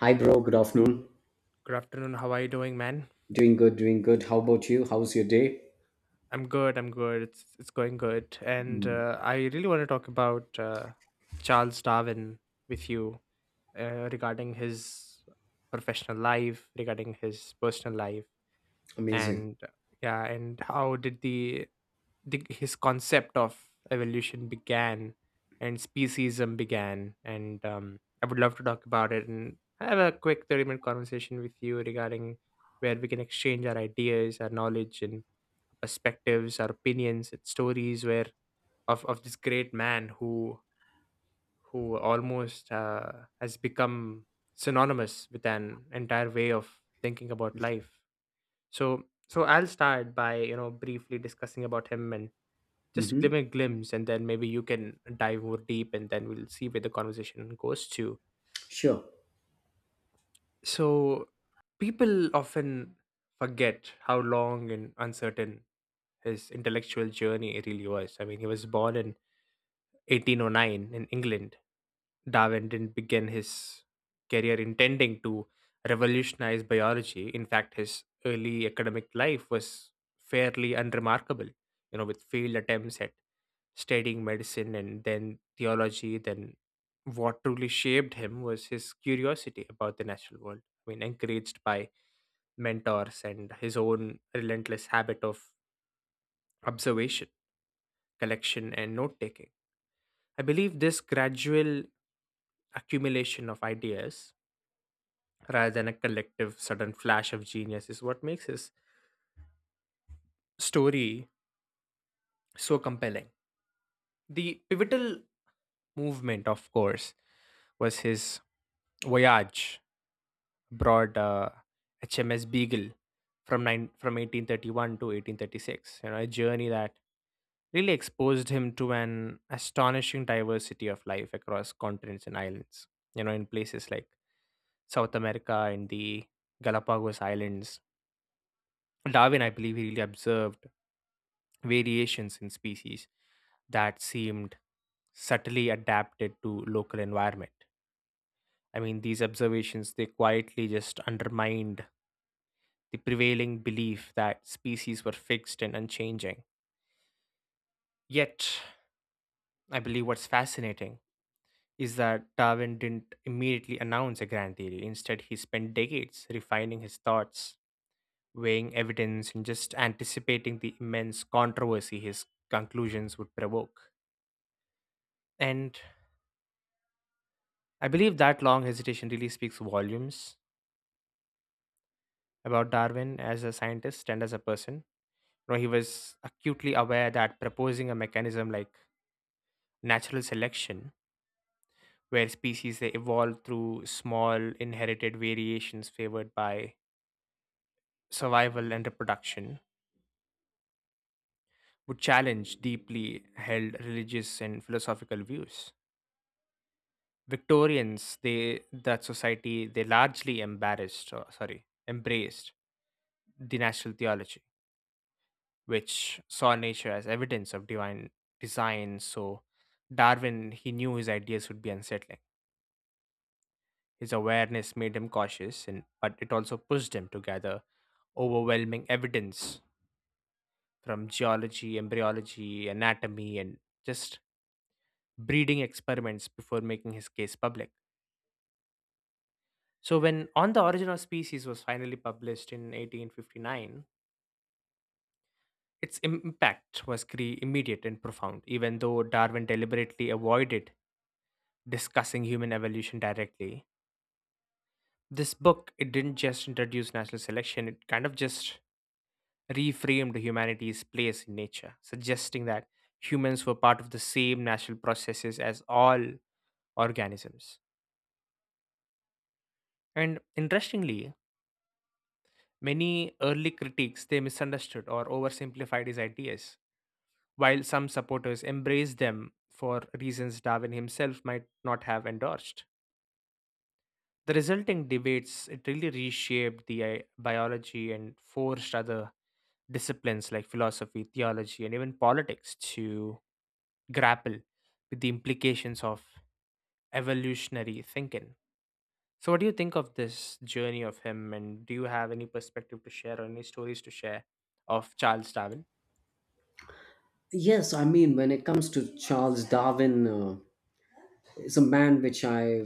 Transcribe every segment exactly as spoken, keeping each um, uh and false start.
Hi, bro. Good afternoon. Good afternoon. How are you doing, man? Doing good, doing good. How about you? How's your day? I'm good. I'm good. It's it's going good. And uh, I really want to talk about uh, Charles Darwin with you, uh, regarding his professional life, regarding his personal life, Amazing. and uh, yeah, and how did the, the his concept of evolution began and speciesism began. And um, I would love to talk about it and have a quick thirty minute conversation with you regarding where we can exchange our ideas, our knowledge, and perspectives, our opinions, its stories where of of this great man who who almost uh, has become synonymous with an entire way of thinking about life. So so I'll start by you know briefly discussing about him and just Mm-hmm. give a glimpse, and then maybe you can dive more deep, and then we'll see where the conversation goes to. Sure. So people often forget how long and uncertain his intellectual journey really was. I mean, he was born in eighteen oh nine in England. Darwin didn't begin his career intending to revolutionize biology. In fact, his early academic life was fairly unremarkable, you know, with failed attempts at studying medicine and then theology. Then, what truly shaped him was his curiosity about the natural world. I mean, encouraged by mentors and his own relentless habit of observation, collection, and note taking. I believe this gradual accumulation of ideas rather than a collective sudden flash of genius is what makes his story so compelling. The pivotal movement, of course, was his voyage abroad, uh, H M S Beagle, from nine from eighteen thirty-one to eighteen thirty-six. You know, a journey that really exposed him to an astonishing diversity of life across continents and islands. You know, in places like South America and the Galapagos Islands, Darwin, I believe, he really observed variations in species that seemed subtly adapted to local environment. I mean, these observations they quietly just undermined the prevailing belief that species were fixed and unchanging. Yet, I believe what's fascinating is that Darwin didn't immediately announce a grand theory. Instead, he spent decades refining his thoughts, weighing evidence, and just anticipating the immense controversy his conclusions would provoke. And I believe that long hesitation really speaks volumes about Darwin as a scientist and as a person. You know, he was acutely aware that proposing a mechanism like natural selection, where species they evolve through small inherited variations favored by survival and reproduction, would challenge deeply held religious and philosophical views. Victorians, they that society they largely embarrassed, or, sorry, embraced the natural theology, which saw nature as evidence of divine design. So, Darwin, he knew his ideas would be unsettling. His awareness made him cautious, and, but it also pushed him to gather overwhelming evidence from geology, embryology, anatomy, and just breeding experiments before making his case public. So, when On the Origin of Species was finally published in eighteen fifty-nine, its im- impact was cre- immediate and profound, even though Darwin deliberately avoided discussing human evolution directly. This book it didn't just introduce natural selection; it kind of just reframed humanity's place in nature, suggesting that humans were part of the same natural processes as all organisms. And interestingly, many early critics they misunderstood or oversimplified his ideas, while some supporters embraced them for reasons Darwin himself might not have endorsed. The resulting debates it really reshaped the i- biology and forced other disciplines like philosophy, theology, and even politics to grapple with the implications of evolutionary thinking. So, what do you think of this journey of him, and do you have any perspective to share or any stories to share of Charles Darwin? Yes, I mean, when it comes to Charles Darwin, uh, is a man which I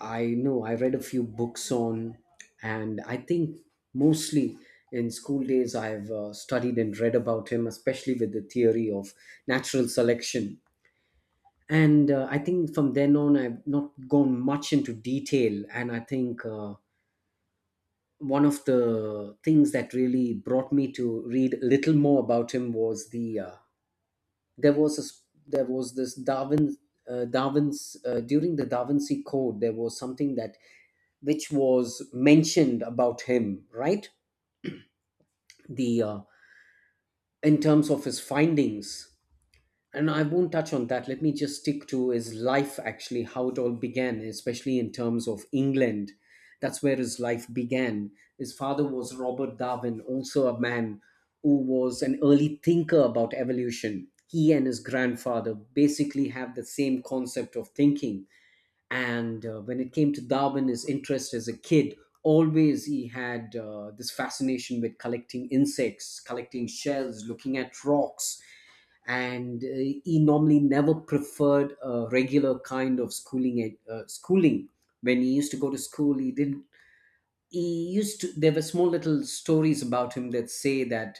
I know I read a few books on, and I think mostly in school days I've uh, studied and read about him, especially with the theory of natural selection. And uh, I think from then on I've not gone much into detail, and I think. Uh, One of the things that really brought me to read a little more about him was the uh, there was a, s- there was this Darwin uh, Darwin's uh, during the Darwin's Code there was something that which was mentioned about him, right? the uh, In terms of his findings, and I won't touch on that. Let me just stick to his life, actually, how it all began, especially in terms of England. That's where his life began. His father was Robert Darwin, also a man who was an early thinker about evolution. He and his grandfather basically have the same concept of thinking. And uh, when it came to Darwin, his interest as a kid, always he had uh, this fascination with collecting insects, collecting shells, looking at rocks, and uh, he normally never preferred a regular kind of schooling ed- uh, schooling. When he used to go to school, he didn't, he used to, there were small little stories about him that say that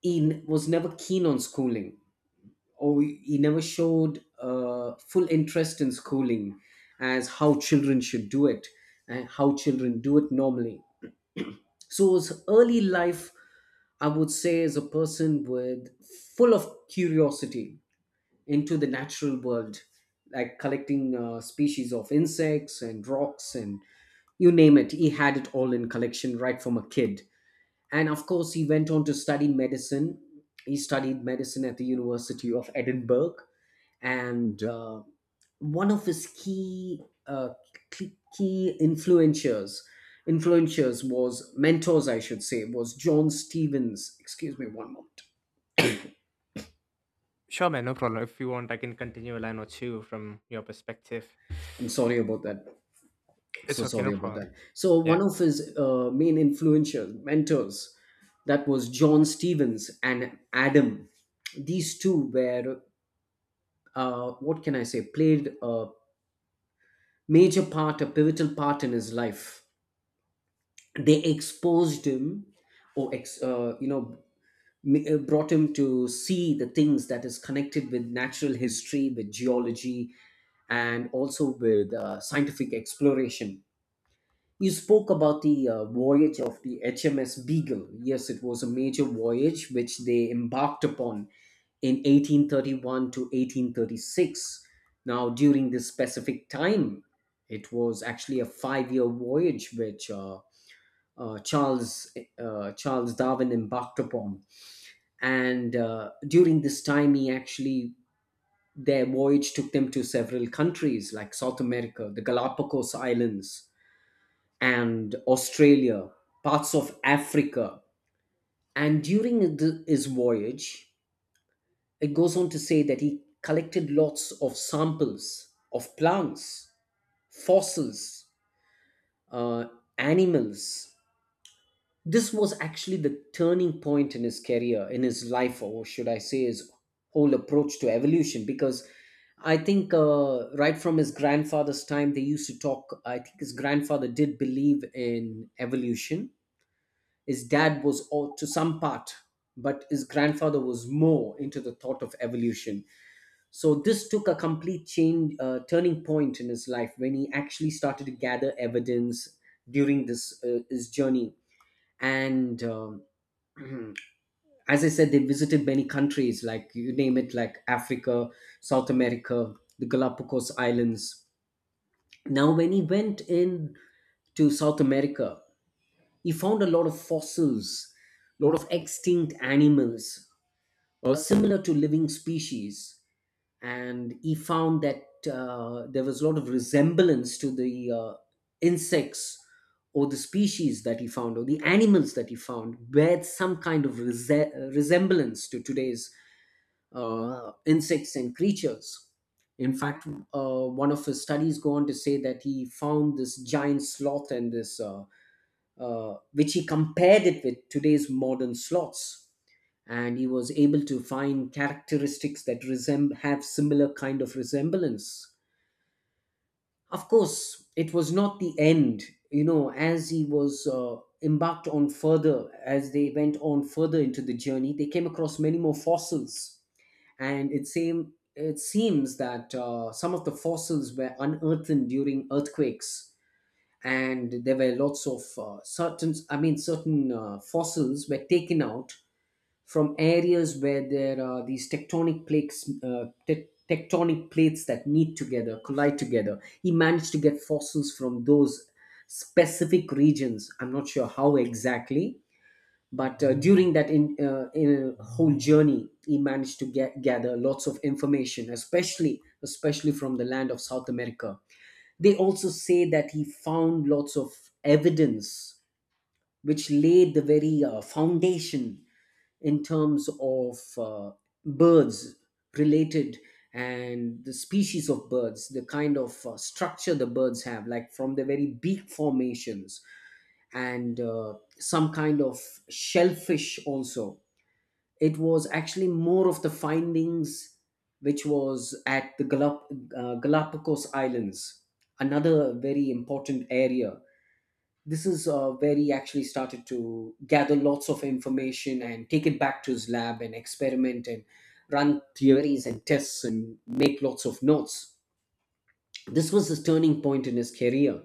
he n- was never keen on schooling, or he he never showed uh, full interest in schooling as how children should do it and how children do it normally. So his early life, I would say, is a person with full of curiosity into the natural world, like collecting uh, species of insects and rocks and you name it. He had it all in collection right from a kid. And of course, he went on to study medicine. He studied medicine at the University of Edinburgh. And uh, one of his key, uh, key key influencers, influencers was mentors, I should say, was John Stevens. Excuse me one moment. Sure, man, no problem. If you want, I can continue a line or two from your perspective. I'm sorry about that. It's So okay, no sorry about problem. that. So Yeah. one of his uh, main influential mentors, that was John Stevens and Adam. These two were, uh, what can I say? Played a major part, a pivotal part in his life. They exposed him, or ex, uh, you know, m- uh, brought him to see the things that is connected with natural history, with geology, and also with uh, scientific exploration. You spoke about the uh, voyage of the H M S Beagle. Yes, it was a major voyage which they embarked upon in eighteen thirty-one to eighteen thirty-six. Now, during this specific time, it was actually a five year voyage which uh, uh, Charles, uh, Charles Darwin embarked upon. And uh, during this time, he actually, their voyage took them to several countries like South America, the Galapagos Islands, and Australia, parts of Africa. And during the, his voyage, it goes on to say that he collected lots of samples of plants, fossils, uh, animals. This was actually the turning point in his career, in his life, or should I say, his whole approach to evolution, because I think uh, right from his grandfather's time, they used to talk. I think his grandfather did believe in evolution. His dad was all, to some part, but his grandfather was more into the thought of evolution. So this took a complete change, uh, turning point in his life when he actually started to gather evidence during this uh, his journey. And um, As I said, they visited many countries, like you name it, like Africa, South America, the Galapagos Islands. Now, when he went in to South America, he found a lot of fossils, lot of extinct animals, uh, similar to living species, and he found that uh, there was a lot of resemblance to the uh, insects or the species that he found, or the animals that he found bear some kind of rese- uh, resemblance to today's uh, insects and creatures. In fact, uh, one of his studies go on to say that he found this giant sloth and this, uh, uh, which he compared it with today's modern sloths, and he was able to find characteristics that resemb- have similar kind of resemblance. Of course, it was not the end. You know, as he was uh, embarked on further, as they went on further into the journey, they came across many more fossils, and it seemed it seems that uh, some of the fossils were unearthed during earthquakes, and there were lots of uh, certain, I mean, certain uh, fossils were taken out from areas where there are these tectonic plates, uh, te- tectonic plates that meet together, collide together. He managed to get fossils from those specific regions. I'm not sure how exactly, but uh, during that in, uh, in whole journey, he managed to get gather lots of information, especially especially from the land of South America. They also say that he found lots of evidence which laid the very uh, foundation in terms of uh, birds related, and the species of birds, the kind of uh, structure the birds have, like from the very beak formations, and uh, some kind of shellfish also. It was actually more of the findings which was at the Galap- uh, Galapagos Islands, another very important area. This is uh, where he actually started to gather lots of information and take it back to his lab and experiment and run theories and tests and make lots of notes. This was his turning point in his career.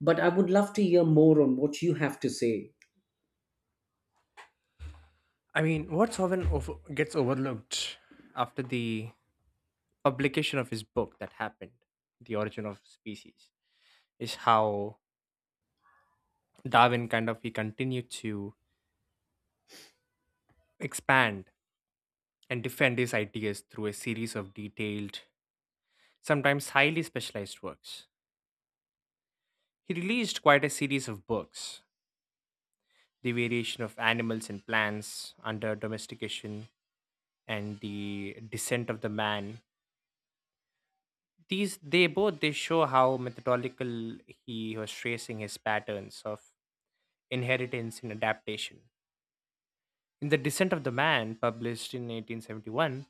But I would love to hear more on what you have to say. I mean, what's often over- gets overlooked after the publication of his book that happened, The Origin of Species, is how Darwin kind of he continued to expand and defend his ideas through a series of detailed, sometimes highly specialized works. He released quite a series of books, The Variation of Animals and Plants Under Domestication and The Descent of the Man, these they both they show how methodical he was tracing his patterns of inheritance and adaptation. In The Descent of the Man, published in eighteen seventy-one,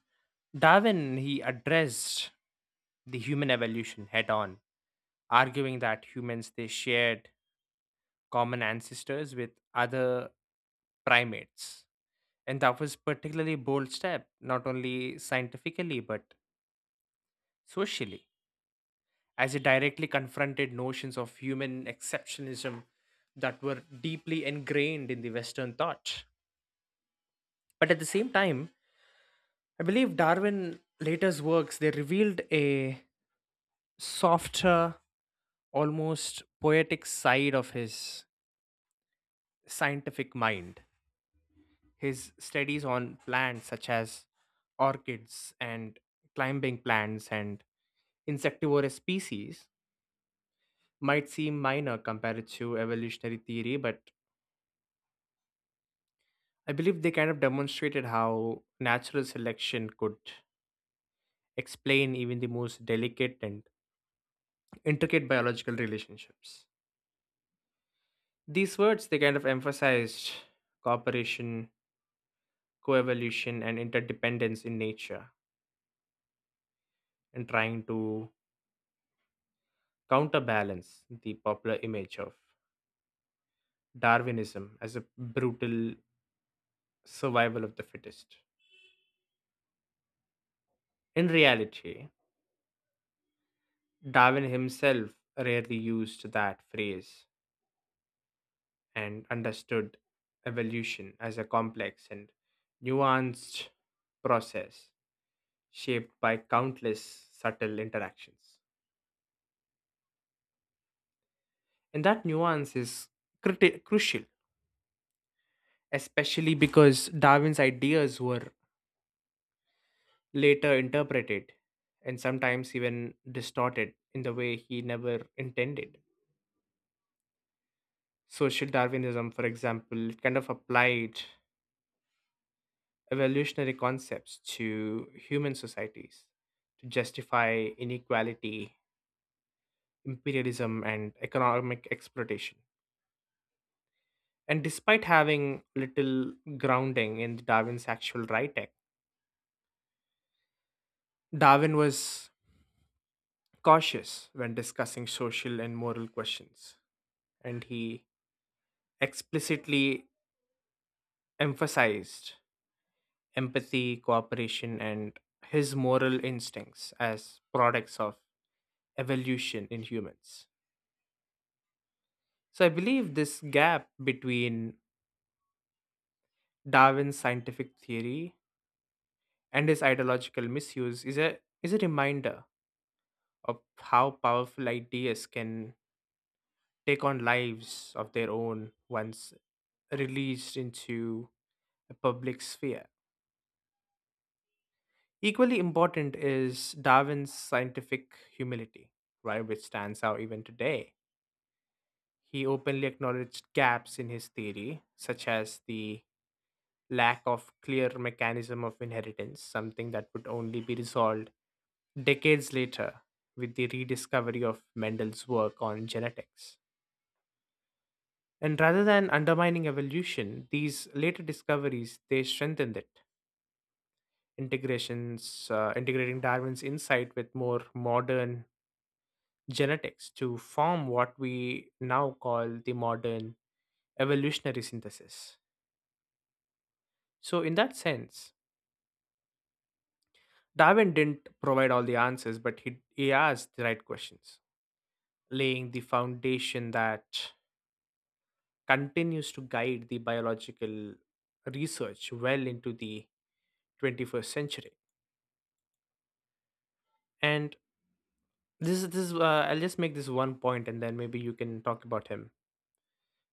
Darwin he addressed the human evolution head on, arguing that humans they shared common ancestors with other primates. And that was particularly bold step, not only scientifically but socially, as it directly confronted notions of human exceptionism that were deeply ingrained in the Western thought. But at the same time, I believe Darwin later's works they revealed a softer, almost poetic side of his scientific mind. His studies on plants such as orchids and climbing plants and insectivorous species might seem minor compared to evolutionary theory, but I believe they kind of demonstrated how natural selection could explain even the most delicate and intricate biological relationships. These words they kind of emphasized cooperation, coevolution, and interdependence in nature, and trying to counterbalance the popular image of Darwinism as a brutal survival of the fittest. In reality, Darwin himself rarely used that phrase and understood evolution as a complex and nuanced process shaped by countless subtle interactions. And that nuance is criti- crucial, especially because Darwin's ideas were later interpreted and sometimes even distorted in the way he never intended. Social Darwinism, for example, it kind of applied evolutionary concepts to human societies to justify inequality, imperialism, and economic exploitation. And despite having little grounding in Darwin's actual right act, Darwin was cautious when discussing social and moral questions, and he explicitly emphasized empathy, cooperation, and his moral instincts as products of evolution in humans. So I believe this gap between Darwin's scientific theory and its ideological misuse is a is a reminder of how powerful ideas can take on lives of their own once released into a public sphere. Equally important is Darwin's scientific humility, right, which stands out even today. He openly acknowledged gaps in his theory, such as the lack of clear mechanism of inheritance, something that would only be resolved decades later with the rediscovery of Mendel's work on genetics. And rather than undermining evolution, these later discoveries they strengthened it. Integrations uh, integrating Darwin's insight with more modern genetics to form what we now call the modern evolutionary synthesis. So in that sense, Darwin didn't provide all the answers, but he, he asked the right questions, laying the foundation that continues to guide the biological research well into the twenty-first century. And this is this. is, Uh, I'll just make this one point, and then maybe you can talk about him.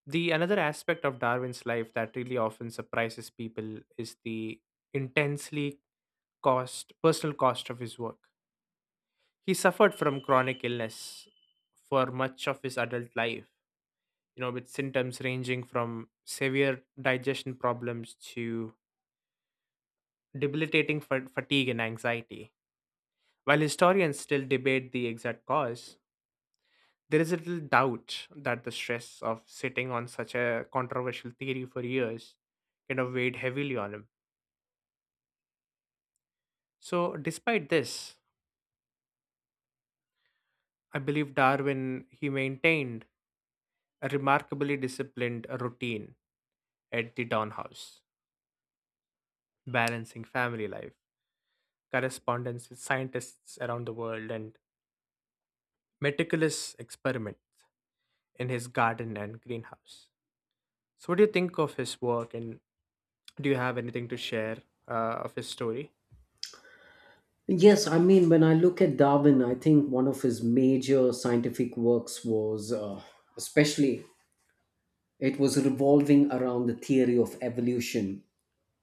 The another aspect of Darwin's life that really often surprises people is the intensely cost personal cost of his work. He suffered from chronic illness for much of his adult life, you know, with symptoms ranging from severe digestion problems to debilitating fa- fatigue and anxiety. While historians still debate the exact cause, there is little doubt that the stress of sitting on such a controversial theory for years kind of weighed heavily on him. So, despite this, I believe Darwin he maintained a remarkably disciplined routine at the Don House, balancing family life, correspondence with scientists around the world, and meticulous experiments in his garden and greenhouse. So, what do you think of his work, and do you have anything to share uh, of his story? Yes, I mean, when I look at Darwin, I think one of his major scientific works was, uh, especially, it was revolving around the theory of evolution,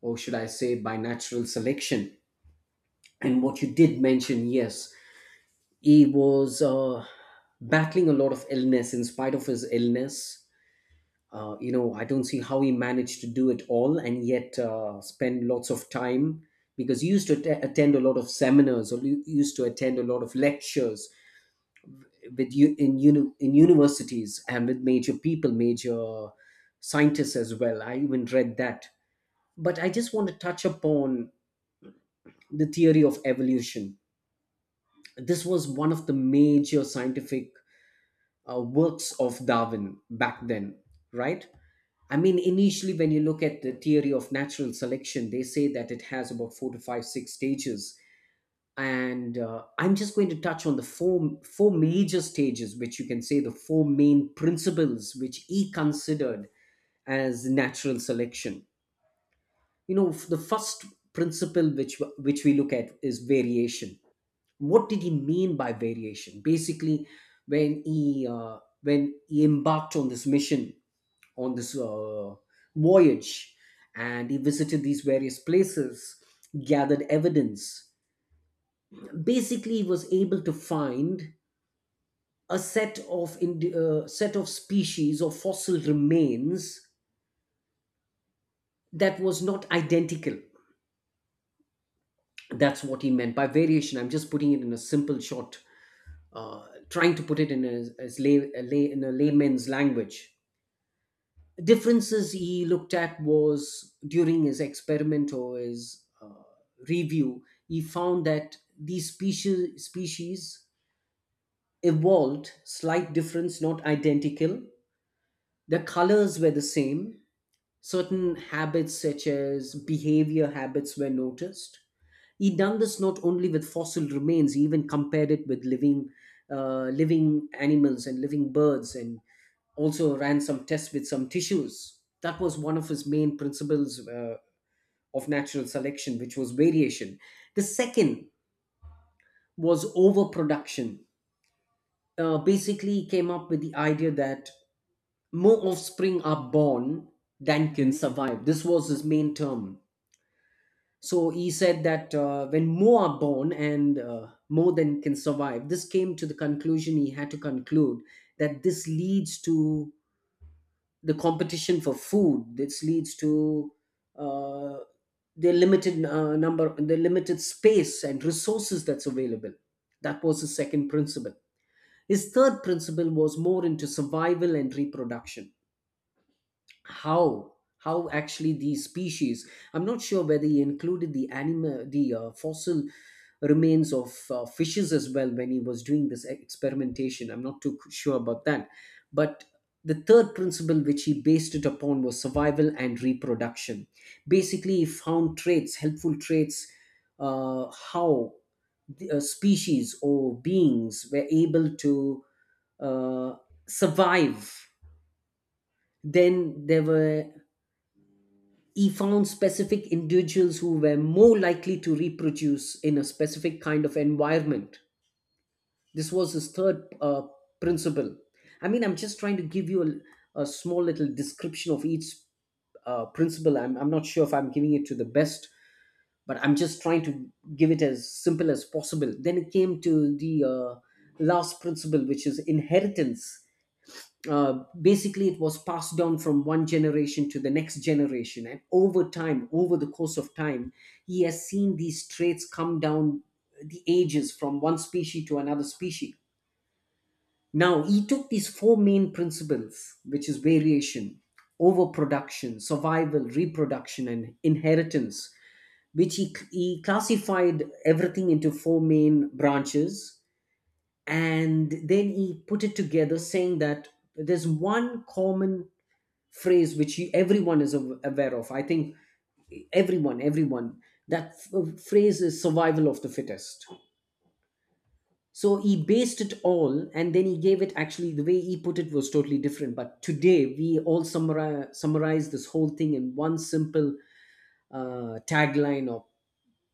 or should I say, by natural selection. And what you did mention, yes, he was uh, battling a lot of illness. In spite of his illness, Uh, you know, I don't see how he managed to do it all and yet uh, spend lots of time, because he used to att- attend a lot of seminars, or he used to attend a lot of lectures with you in uni- in universities and with major people, major scientists as well. I even read that. But I just want to touch upon the theory of evolution. This was one of the major scientific uh, works of Darwin back then, right? I mean, initially, when you look at the theory of natural selection, they say that it has about four to five, six stages. And uh, I'm just going to touch on the four, four major stages, which you can say the four main principles which he considered as natural selection. You know, the first principle which, which we look at is variation. What did he mean by variation? Basically, when he uh, when he embarked on this mission, on this uh, voyage, and he visited these various places, gathered evidence, basically he was able to find a set of ind- uh, set of species or fossil remains that was not identical. That's what he meant by variation. I'm just putting it in a simple short, uh, trying to put it in a, as lay, a lay, in a layman's language. Differences he looked at was during his experiment, or his uh, review, he found that these species species evolved slight difference, not identical. The colors were the same, certain habits such as behavior habits were noticed. He done this not only with fossil remains, he even compared it with living, uh, living animals and living birds, and also ran some tests with some tissues. That was one of his main principles uh, of natural selection, which was variation. The second was overproduction. Uh, basically, he came up with the idea that more offspring are born than can survive. This was his main term. So he said that uh, when more are born and uh, more than can survive, this came to the conclusion, he had to conclude that this leads to the competition for food. This leads to uh, the limited uh, number, the limited space and resources that's available. That was his second principle. His third principle was more into survival and reproduction. how how actually these species, I'm not sure whether he included the animal the uh, fossil remains of uh, fishes as well when he was doing this experimentation, I'm not too sure about that. But the third principle which he based it upon was survival and reproduction. Basically, he found traits, helpful traits, uh, how the, uh, species or beings were able to uh, survive. Then there were, he found specific individuals who were more likely to reproduce in a specific kind of environment. This was his third uh, principle. I mean, I'm just trying to give you a, a small little description of each uh, principle. I'm, I'm not sure if I'm giving it to the best, but I'm just trying to give it as simple as possible. Then it came to the uh, last principle, which is inheritance. Uh, basically, it was passed down from one generation to the next generation, and over time over the course of time he has seen these traits come down the ages from one species to another species. Now he took these four main principles, which is variation, overproduction, survival, reproduction, and inheritance, which he, he classified everything into four main branches. And then he put it together, saying that there's one common phrase which you, everyone is aw- aware of, I think. Everyone everyone That f- uh, phrase is survival of the fittest. So he based it all, and then he gave it. Actually, the way he put it was totally different, but today we all summarize, summarize this whole thing in one simple uh, tagline of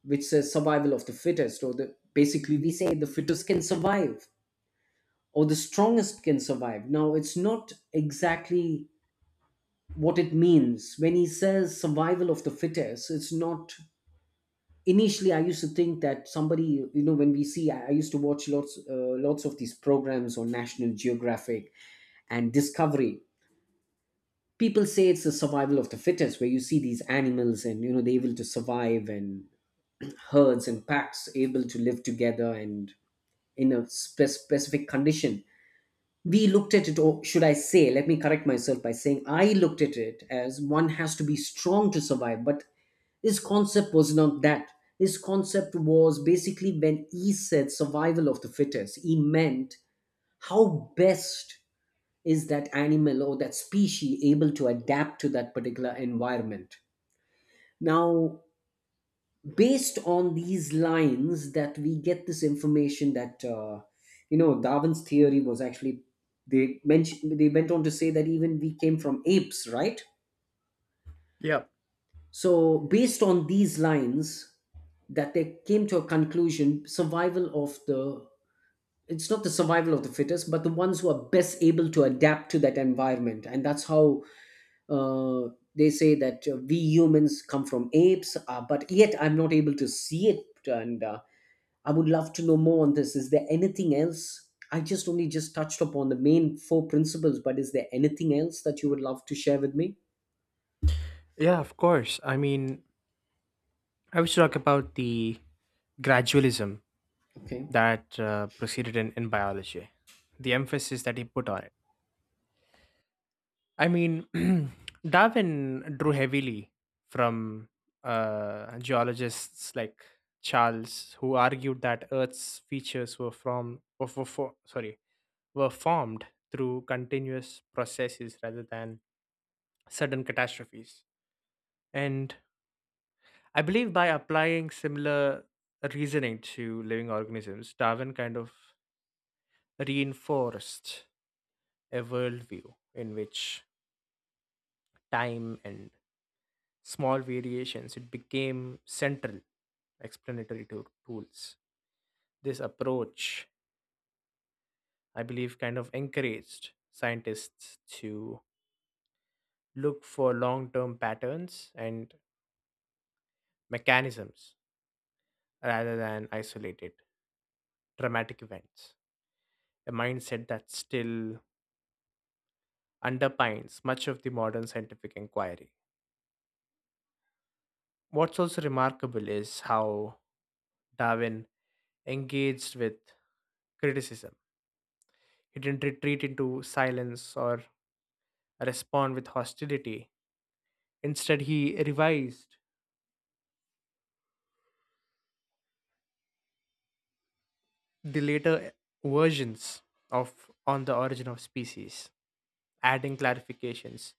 which says survival of the fittest, or the, basically we say the fittest can survive or the strongest can survive. Now it's not exactly what it means when he says survival of the fittest. It's not, initially I used to think that somebody, you know when we see, i, I used to watch lots uh, lots of these programs on National Geographic and Discovery. People say it's the survival of the fittest, where you see these animals and you know they're able to survive, and herds and packs able to live together, and in a spe- specific condition. We looked at it, or should I say, let me correct myself by saying I looked at it as one has to be strong to survive. But his concept was not that. His concept was basically, when he said survival of the fittest, he meant how best is that animal or that species able to adapt to that particular environment. Now, based on these lines, that we get this information that, uh, you know Darwin's theory was actually, they mentioned, they went on to say that even we came from apes, right? Yeah, So, based on these lines, that they came to a conclusion, survival of the, it's not the survival of the fittest, but the ones who are best able to adapt to that environment. And that's how uh, they say that uh, we humans come from apes, uh, but yet I'm not able to see it. And uh, I would love to know more on this. Is there anything else? I just only just touched upon the main four principles, but is there anything else that you would love to share with me? yeah, of course. I mean, I was talk about the gradualism Okay. that uh, proceeded in, in biology, the emphasis that he put on it. I mean, Darwin drew heavily from uh, geologists like Charles, who argued that Earth's features were from, were for, for, sorry, were formed through continuous processes rather than sudden catastrophes. And I believe by applying similar reasoning to living organisms, Darwin kind of reinforced a worldview in which time and small variations it became central explanatory to- tools. This approach, I believe, kind of encouraged scientists to look for long term patterns and mechanisms rather than isolated, dramatic events, a mindset that still underpins much of the modern scientific inquiry. What's also remarkable is how Darwin engaged with criticism. He didn't retreat into silence or respond with hostility. Instead, he revised the later versions of On the Origin of Species, adding clarifications,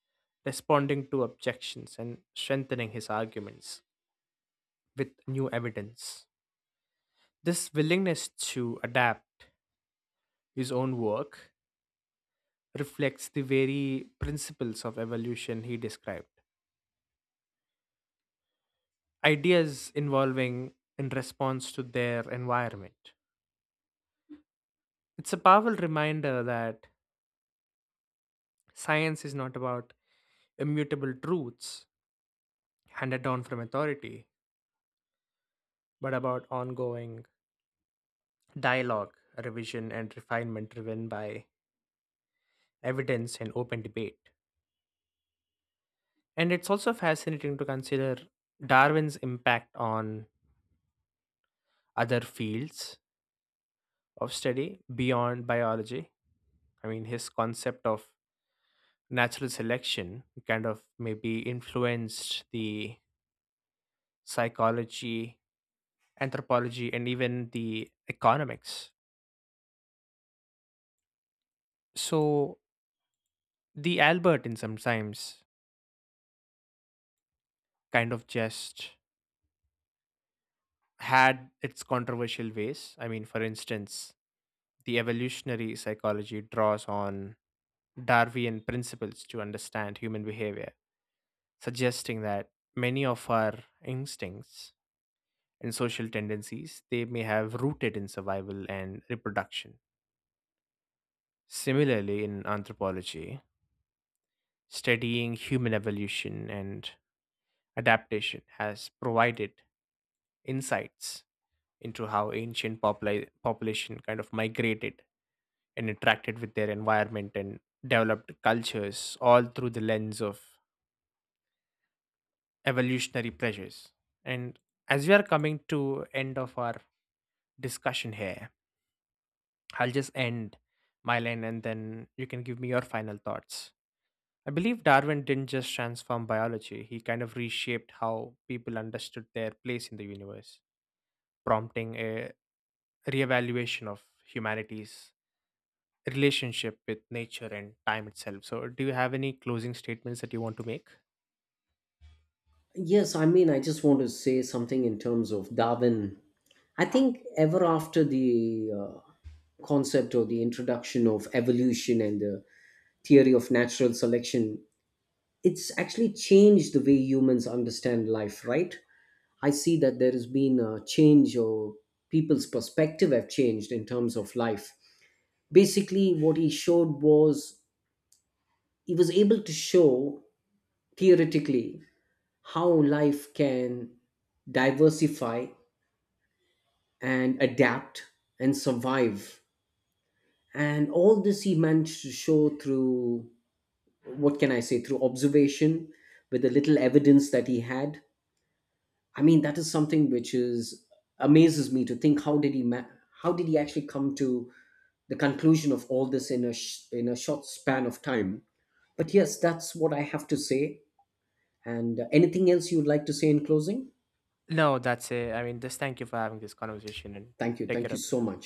responding to objections, and strengthening his arguments with new evidence. This willingness to adapt his own work reflects the very principles of evolution he described, ideas evolving in response to their environment. It's a powerful reminder that science is not about immutable truths handed down from authority, but about ongoing dialogue, revision, and refinement driven by evidence and open debate. And it's also fascinating to consider Darwin's impact on other fields of study beyond biology. I mean, his concept of natural selection kind of maybe influenced the psychology, anthropology, and even the economics. So, the Albertin sometimes kind of just had its controversial ways. I mean, for instance, the evolutionary psychology draws on Darwinian principles to understand human behavior, suggesting that many of our instincts and social tendencies they may have rooted in survival and reproduction. Similarly, in anthropology, studying human evolution and adaptation has provided insights into how ancient popula- population kind of migrated and interacted with their environment and developed cultures, all through the lens of evolutionary pressures. And as we are coming to end of our discussion here, I'll just end my line and then you can give me your final thoughts. I believe Darwin didn't just transform biology, he kind of reshaped how people understood their place in the universe, prompting a reevaluation of humanity's relationship with nature and time itself. So do you have any closing statements that you want to make? Yes, I mean, I just want to say something in terms of Darwin. I think ever after the uh, concept or the introduction of evolution and the theory of natural selection, it's actually changed the way humans understand life, right? I see that there has been a change, or people's perspective have changed in terms of life. Basically, what he showed was, he was able to show theoretically how life can diversify and adapt and survive. And all this he managed to show through, what can I say, through observation with the little evidence that he had. I mean, that is something which is, amazes me to think, how did he ma- how did he actually come to the conclusion of all this in a sh- in a short span of time? But yes, that's what I have to say. And uh, anything else you would like to say in closing? No, that's it. I mean, just thank you for having this conversation, and Thank you. take Thank care you of so yourself. much.